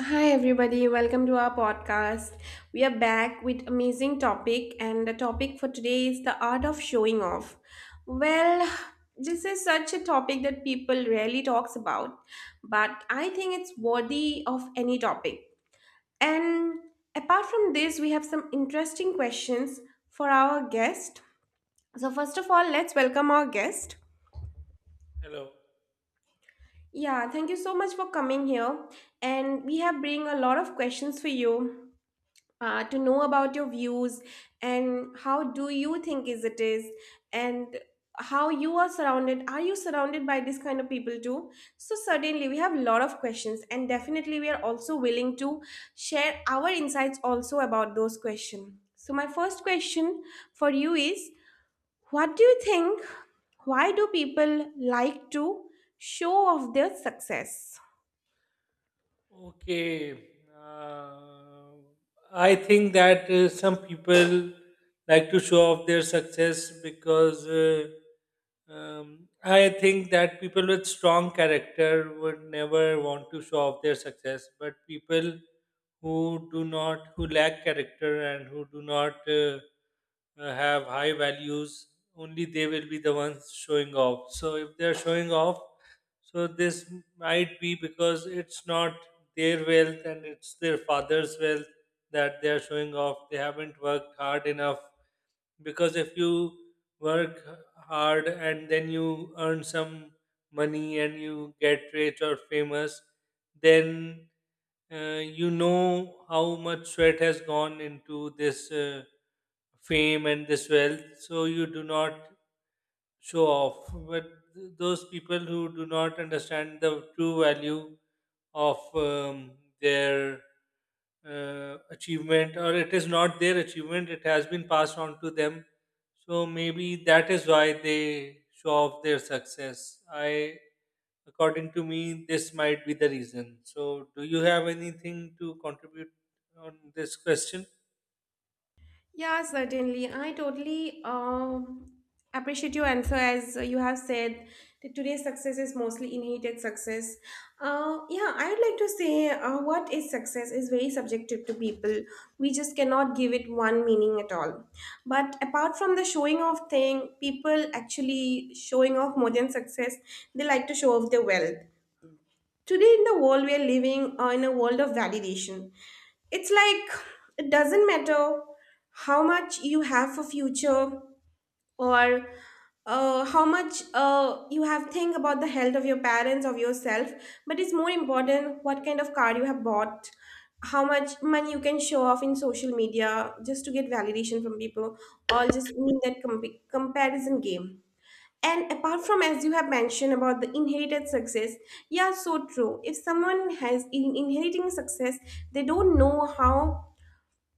Hi everybody, welcome to our podcast. We are back with amazing topic and the topic for today is the art of showing off. Well, this is such a topic that people rarely talks about, but I think it's worthy of any topic. And apart from this, we have some interesting questions for our guest. So first of all, let's welcome our guest. Hello. Yeah, thank you so much for coming here and we have bring a lot of questions for you, to know about your views and how do you think is it is, and how you are surrounded, are you surrounded by this kind of people too? So certainly we have a lot of questions and definitely we are also willing to share our insights also about those questions. So my first question for you is, what do you think, why do people like to show off their success? Okay. Uh, I think that some people like to show off their success because I think that people with strong character would never want to show off their success, but people who do not, who lack character and who do not have high values, only they will be the ones showing off. So if they're showing off, so this might be because it's not their wealth and it's their father's wealth that they are showing off. They haven't worked hard enough. Because if you work hard and then you earn some money and you get rich or famous, then you know how much sweat has gone into this fame and this wealth. So you do not show off, but those people who do not understand the true value of their achievement, or it is not their achievement, it has been passed on to them. So maybe that is why they show off their success. I, according to me, this might be the reason. So, do you have anything to contribute on this question? Yeah, certainly. I totally appreciate your answer. As you have said, that today's success is mostly inherited success. Yeah, I would like to say what is success is very subjective to people. We just cannot give it one meaning at all. But apart from the showing off thing, people actually showing off more than success, they like to show off their wealth. Today in the world we are living in a world of validation. It's like, it doesn't matter how much you have for future, or how much you have think about the health of your parents of yourself, but it's more important what kind of car you have bought, how much money you can show off in social media just to get validation from people, or just in that comparison game. And apart from, as you have mentioned about the inherited success, yeah, so true. If someone has in inheriting success, they don't know how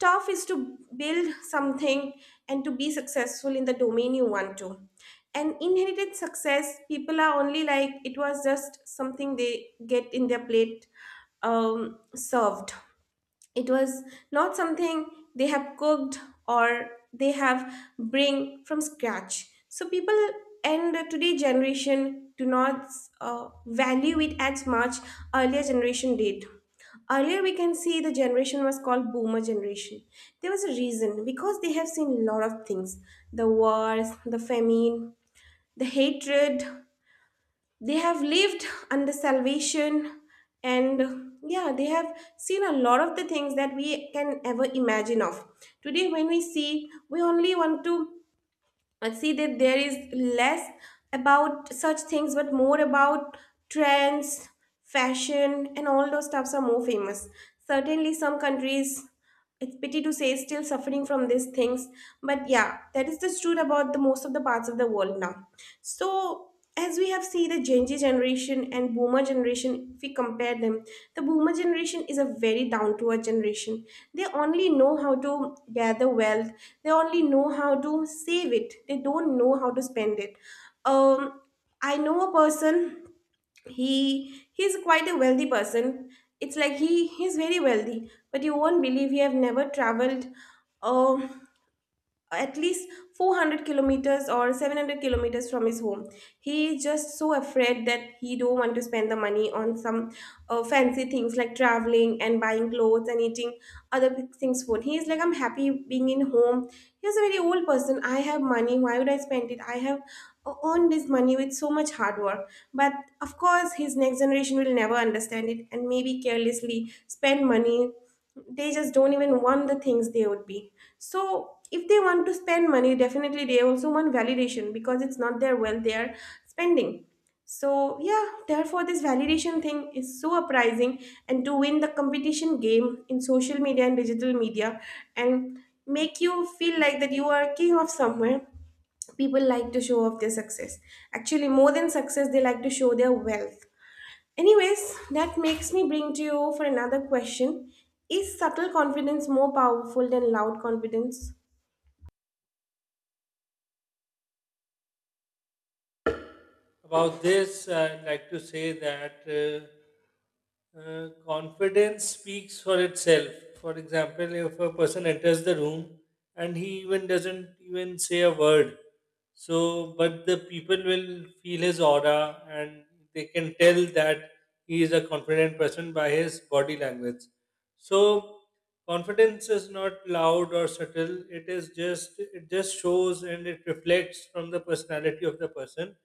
tough is to build something and to be successful in the domain you want to. And inherited success, people are only like it was just something they get in their plate, served. It was not something they have cooked or they have bring from scratch. So people and today generation do not value it as much earlier generation did. Earlier we can see the generation was called boomer generation. There was a reason because they have seen a lot of things, the wars, the famine, the hatred. They have lived under salvation, and yeah, they have seen a lot of the things that we can ever imagine of. Today when we see, we only want to see that there is less about such things but more about trends, fashion, and all those stuffs are more famous. Certainly some countries, it's pity to say, still suffering from these things, but yeah, that is the truth about the most of the parts of the world now. So as we have seen the gen Z generation and boomer generation, if we compare them, the boomer generation is a very down to earth generation. They only know how to gather wealth, they only know how to save it, they don't know how to spend it. um I know a person, he's quite a wealthy person. It's like he's very wealthy, but you won't believe he have never traveled, uh, at least 400 kilometers or 700 kilometers from his home. He is just so afraid that he don't want to spend the money on some fancy things like traveling and buying clothes and eating other big things, food. He is like, I'm happy being in home. He is a very old person. I have money, why would I spend it? I have earned this money with so much hard work. But of course, his next generation will never understand it and maybe carelessly spend money. They just don't even want the things they would be. So if they want to spend money, definitely they also want validation because it's not their wealth they are spending. So yeah, therefore this validation thing is so uprising, and to win the competition game in social media and digital media, and make you feel like that you are king of somewhere, people like to show off their success. Actually more than success, they like to show their wealth. Anyways, that makes me bring to you for another question. Is subtle confidence more powerful than loud confidence? About this, I'd like to say that confidence speaks for itself. For example, if a person enters the room and he even doesn't even say a word, so but the people will feel his aura and they can tell that he is a confident person by his body language. So confidence is not loud or subtle. It just shows and it reflects from the personality of the person,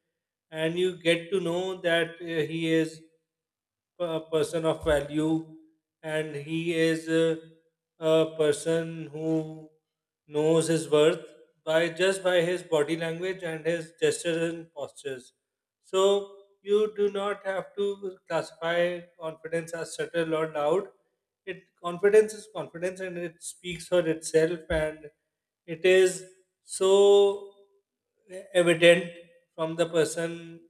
and you get to know that he is a person of value and he is a person who knows his worth by just by his body language and his gestures and postures. So you do not have to classify confidence as subtle or loud. It confidence is confidence and it speaks for itself, and it is so evident from the person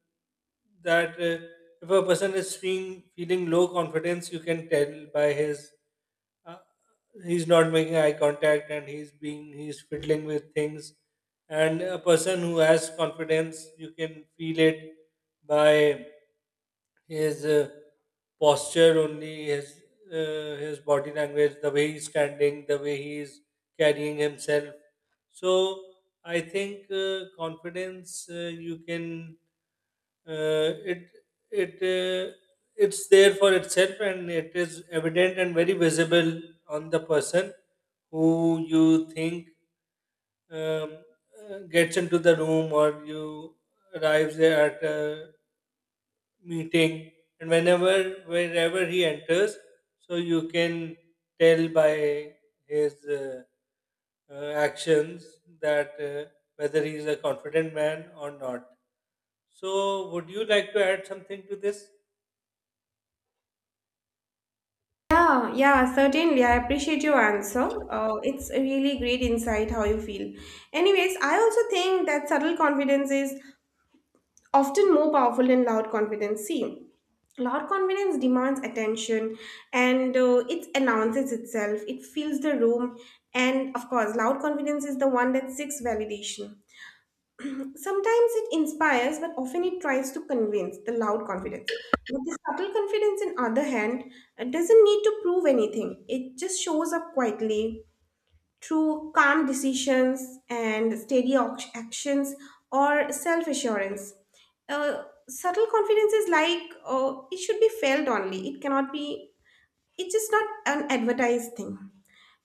that if a person is feeling low confidence, you can tell by his uh, he's not making eye contact and he's fiddling with things. And a person who has confidence, you can feel it by his posture only, his body language, the way he's standing, the way he's carrying himself. So I think confidence you can uh, it it uh, it's there for itself and it is evident and very visible on the person who you think um, gets into the room or you arrives there at a meeting, and whenever wherever he enters, so you can tell by his actions that whether he is a confident man or not. So would you like to add something to this? Yeah, yeah, certainly. I appreciate your answer. It's a really great insight how you feel. Anyways, I also think that subtle confidence is often more powerful than loud confidence. See, loud confidence demands attention, and it announces itself, it fills the room, and of course, loud confidence is the one that seeks validation. Sometimes it inspires, but often it tries to convince the loud confidence. But the subtle confidence, on other hand, it doesn't need to prove anything. It just shows up quietly through calm decisions and steady actions or self assurance. Uh, Subtle confidence is like it should be felt only. It cannot be, it's just not an advertised thing.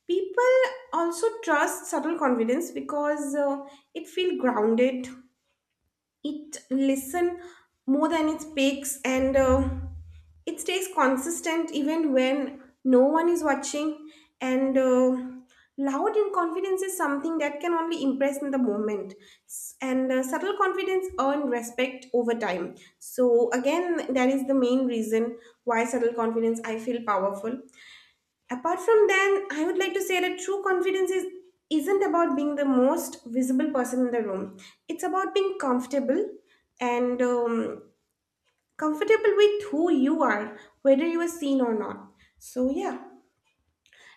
People also trust subtle confidence because it feels grounded, it listen more than it speaks, and it stays consistent even when no one is watching. And loud in confidence is something that can only impress in the moment. And subtle confidence earn respect over time, so again that is the main reason why subtle confidence I feel powerful. Apart from that, I would like to say that true confidence is isn't about being the most visible person in the room. It's about being comfortable and comfortable with who you are, whether you are seen or not. So yeah.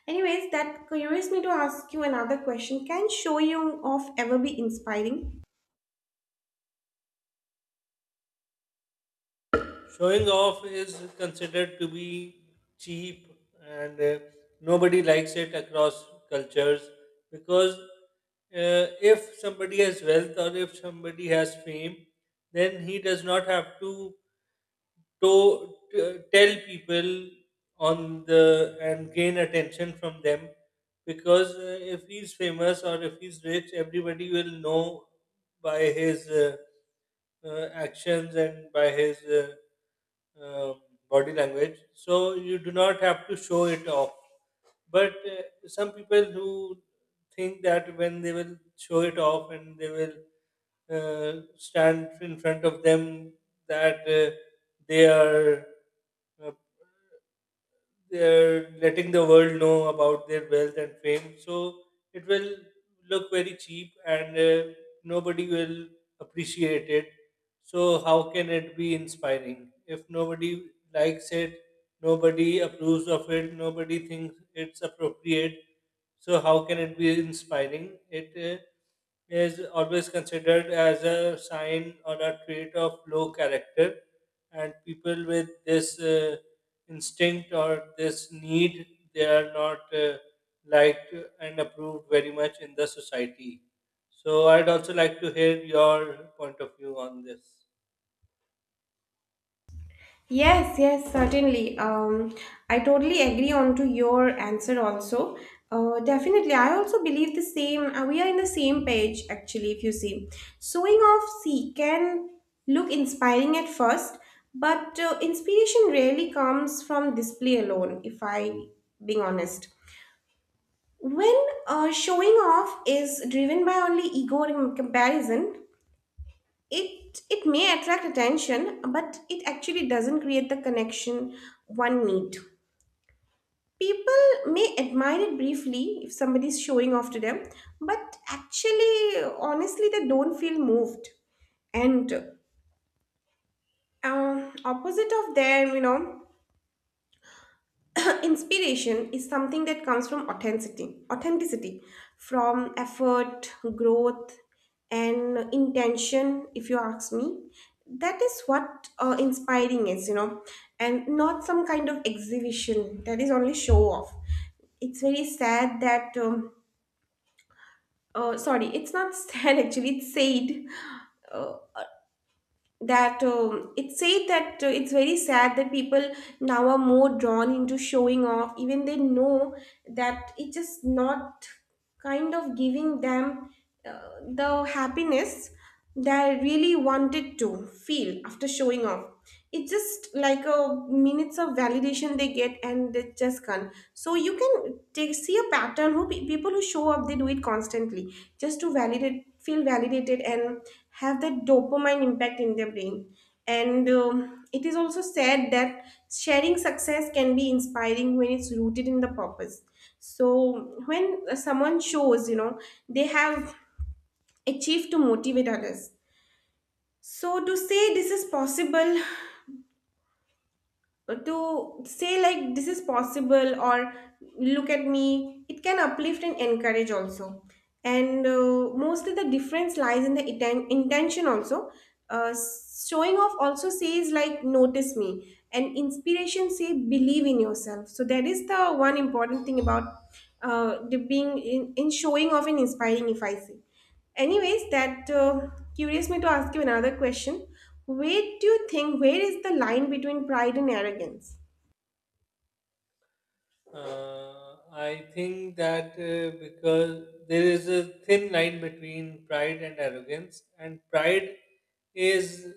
Anyways, that curious me to ask you another question. Can showing off ever be inspiring? Showing off is considered to be cheap, and nobody likes it across cultures, because if somebody has wealth or if somebody has fame, then he does not have to to tell people on the and gain attention from them, because if he's famous or if he's rich, everybody will know by his actions and by his um body language. So you do not have to show it off. But some people who think that when they will show it off and they will stand in front of them, that they are uh, they're letting the world know about their wealth and fame. So it will look very cheap, and nobody will appreciate it. So, how can it be inspiring? If nobody likes it, nobody approves of it, nobody thinks it's appropriate, so how can it be inspiring? It uh, is always considered as a sign or a trait of low character, and people with this. Instinct or this need, they are not liked and approved very much in the society. So I'd also like to hear your point of view on this. Yes, yes, certainly. I totally agree on to your answer also. Definitely, I also believe the same. We are in the same page actually. If you see, sewing off sea can look inspiring at first, but inspiration rarely comes from display alone. If I being honest, when showing off is driven by only ego and comparison, it may attract attention, but it actually doesn't create the connection one need. People may admire it briefly if somebody's showing off to them, but actually, honestly, they don't feel moved. And opposite of them, you know, inspiration is something that comes from authenticity, authenticity, from effort, growth, and intention. If you ask me, that is what inspiring is, you know, and not some kind of exhibition that is only show off. It's very sad that, sorry, it's not sad actually. It's sad that it said that it's very sad that people now are more drawn into showing off even they know that it's just not kind of giving them uh, the happiness that I really wanted to feel after showing off. It's just like a minutes of validation they get and they just can't. So you can take, see a pattern who people who show up, they do it constantly just to validate, feel validated, and have that dopamine impact in their brain. And it is also said that sharing success can be inspiring when it's rooted in the purpose. So when someone shows, you know, they have achieved to motivate others. So to say this is possible, to say like this is possible or look at me, it can uplift and encourage also. And mostly the difference lies in the intention also. uh, Showing off also says like notice me, and inspiration say believe in yourself. So that is the one important thing about the being in showing off and inspiring, if I say. Anyways, that curious me to ask you another question. Where do you think, where is the line between pride and arrogance? I think that because there is a thin line between pride and arrogance, and pride is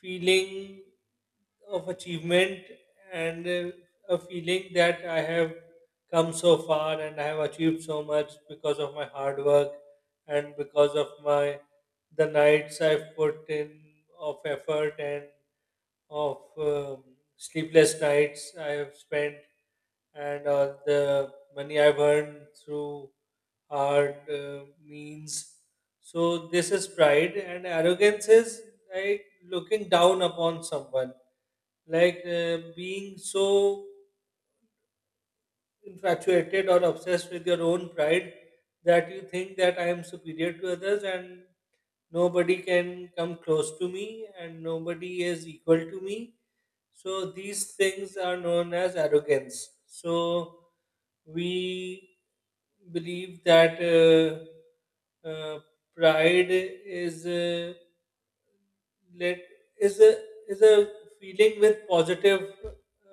feeling of achievement and a feeling that I have come so far and I have achieved so much because of my hard work, and because of my the nights I've put in of effort and of sleepless nights I have spent, and the money I've earned through hard means. So this is pride, and arrogance is like looking down upon someone, like being so infatuated or obsessed with your own pride that you think that I am superior to others and nobody can come close to me and nobody is equal to me. So these things are known as arrogance. So we believe that pride is let is a is a feeling with positive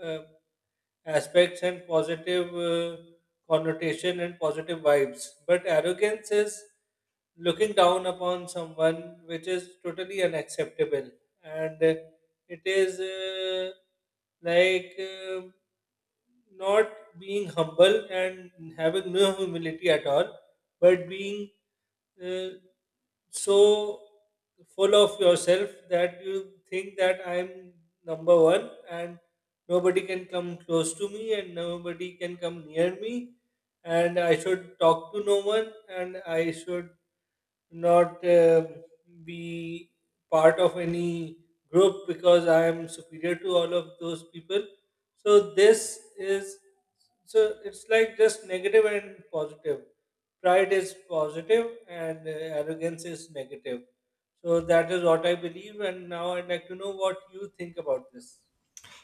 uh, aspects and positive connotation and positive vibes. But arrogance is looking down upon someone, which is totally unacceptable, and it is like not being humble and having no humility at all, but being uh, so full of yourself that you think that I'm number one and nobody can come close to me and nobody can come near me, and I should talk to no one and I should not be part of any group because I am superior to all of those people. So this is so it's like just negative and positive. Pride is positive and arrogance is negative. So that is what I believe, and now I'd like to know what you think about this.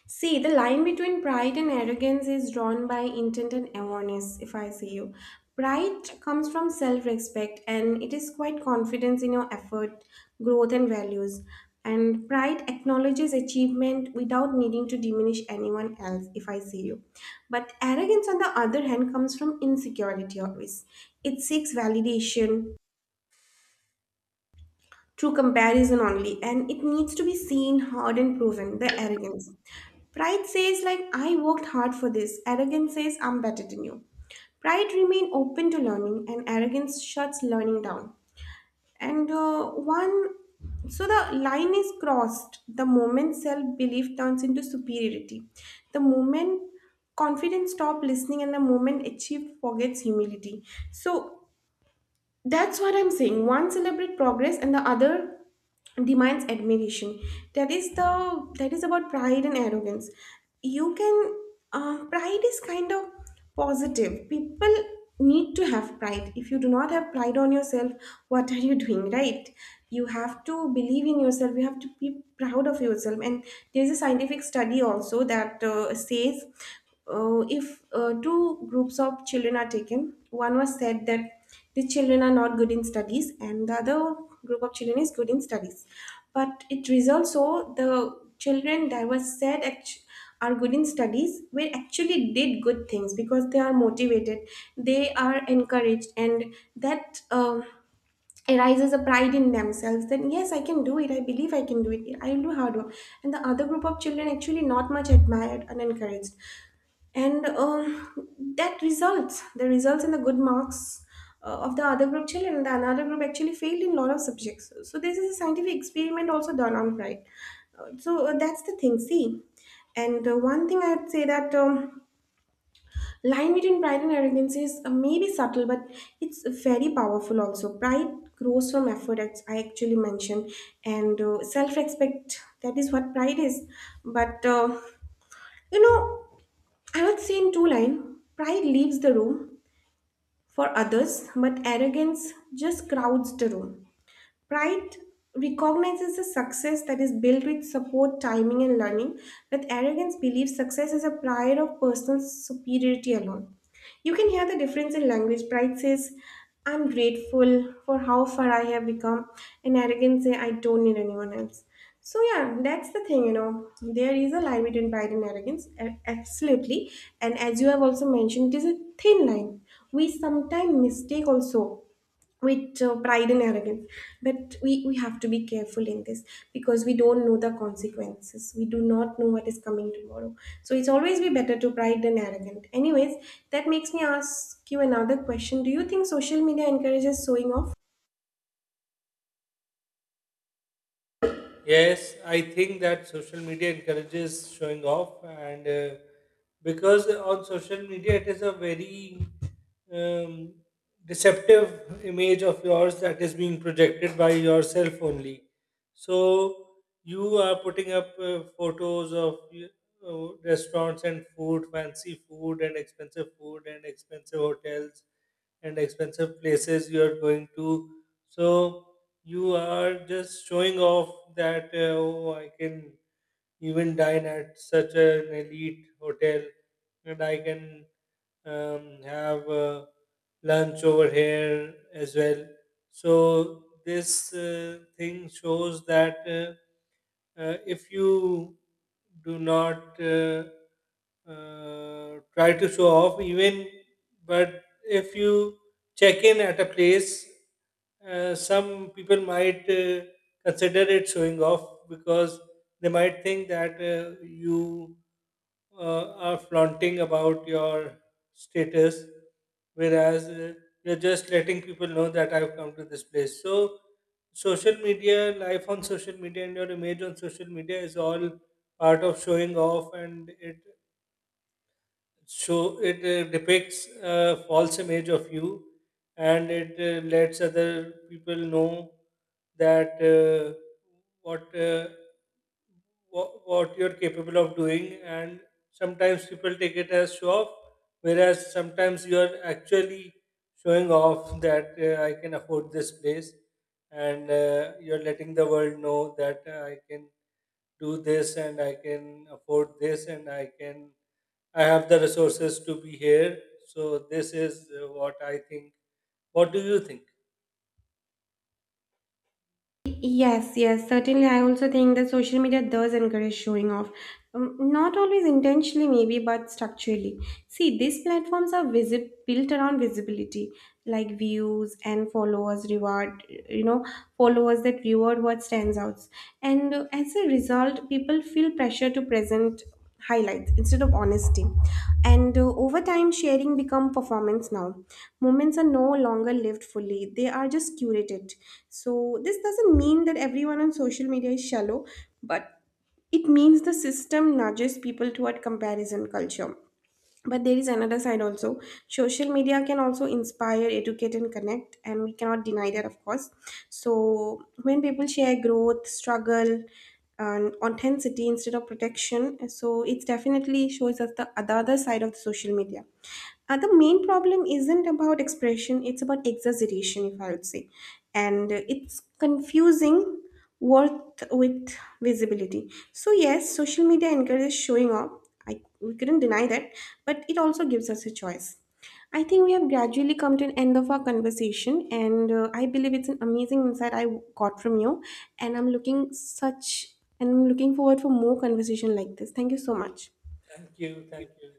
See, the line between pride and arrogance is drawn by intent and awareness, if I see you. Pride comes from self respect and it is quite confidence in your effort, growth, and values. And pride acknowledges achievement without needing to diminish anyone else, if I see you. But arrogance, on the other hand, comes from insecurity always. It seeks validation through comparison only, and it needs to be seen, heard, and proven. The arrogance. Pride says, like, I worked hard for this. Arrogance says, I'm better than you. Pride remain open to learning, and arrogance shuts learning down. And one, so the line is crossed the moment self belief turns into superiority, the moment confidence stop listening, and the moment achieve forgets humility. So that's what I'm saying. One celebrate progress and the other demands admiration. That is the, that is about pride and arrogance. You can pride is kind of positive. People need to have pride. If you do not have pride on yourself, what are you doing, right? You have to believe in yourself. You have to be proud of yourself. And there's a scientific study also that says if two groups of children are taken. One was said that these children are not good in studies and the other group of children is good in studies, but it results, so the children that was said are good in studies were actually did good things because they are motivated, they are encouraged, and that arises a pride in themselves that yes, I can do it, I believe I can do it, I will do hard work. And the other group of children actually not much admired and encouraged, and that results, the results in the good marks of the other group children, the another group actually failed in a lot of subjects. So this is a scientific experiment also done on pride. So that's the thing, see. And one thing I'd say that line between pride and arrogance is maybe subtle, but it's very powerful also. Pride grows from effort, as I actually mentioned, and self-respect, that is what pride is. But uh, you know I would say in two lines, pride leaves the room for others, but arrogance just crowds the room. Pride recognizes a success that is built with support, timing, and learning, but arrogance believes success is a pride of personal superiority alone. You can hear the difference in language. Pride says, I'm grateful for how far I have become, and arrogance says, I don't need anyone else. So, yeah, that's the thing, you know. There is a line between pride and arrogance, absolutely. And as you have also mentioned, it is a thin line. We sometimes mistake also with pride and arrogance, but we have to be careful in this, because we don't know the consequences, we do not know what is coming tomorrow. So it's always be better to pride than arrogant anyways. That makes me ask you another question: do you think social media encourages showing off? Yes, I think that social media encourages showing off, and because on social media it is a very um, deceptive image of yours that is being projected by yourself only. So you are putting up photos of restaurants and food, fancy food, and expensive hotels, and expensive places you are going to. So you are just showing off that oh, I can even dine at such an elite hotel and I can have lunch over here as well. So this thing shows that if you do not try to show off, even but if you check in at a place, some people might consider it showing off, because they might think that you are flaunting about your status, whereas you're just letting people know that I've come to this place. So, social media, life on social media, and your image on social media is all part of showing off, and it depicts a false image of you, and it lets other people know that what what you're capable of doing, and sometimes people take it as show off, whereas sometimes you're actually showing off that I can afford this place, and you're letting the world know that I can do this and I can afford this and I have the resources to be here. So this is what I think. What do you think? Yes, yes, certainly. I also think that social media does encourage showing off. Not always intentionally, maybe, but structurally. See, these platforms are built around visibility, like views and followers reward, you know, followers that reward what stands out. And as a result, people feel pressure to present highlights instead of honesty, and over time sharing become performance. Now moments are no longer lived fully, they are just curated. So this doesn't mean that everyone on social media is shallow, but it means the system nudges people toward comparison culture. But there is another side also. Social media can also inspire, educate, and connect, and we cannot deny that, of course. So, when people share growth, struggle, and authenticity instead of protection, so it definitely shows us the other side of the social media. The main problem isn't about expression, it's about exaggeration, if I would say. And it's confusing worth with visibility. So, yes, social media encourages showing off. I, we couldn't deny that, but it also gives us a choice. I think we have gradually come to an end of our conversation, and I believe it's an amazing insight I got from you. And and I'm looking forward for more conversation like this. Thank you so much. Thank you. Thank you.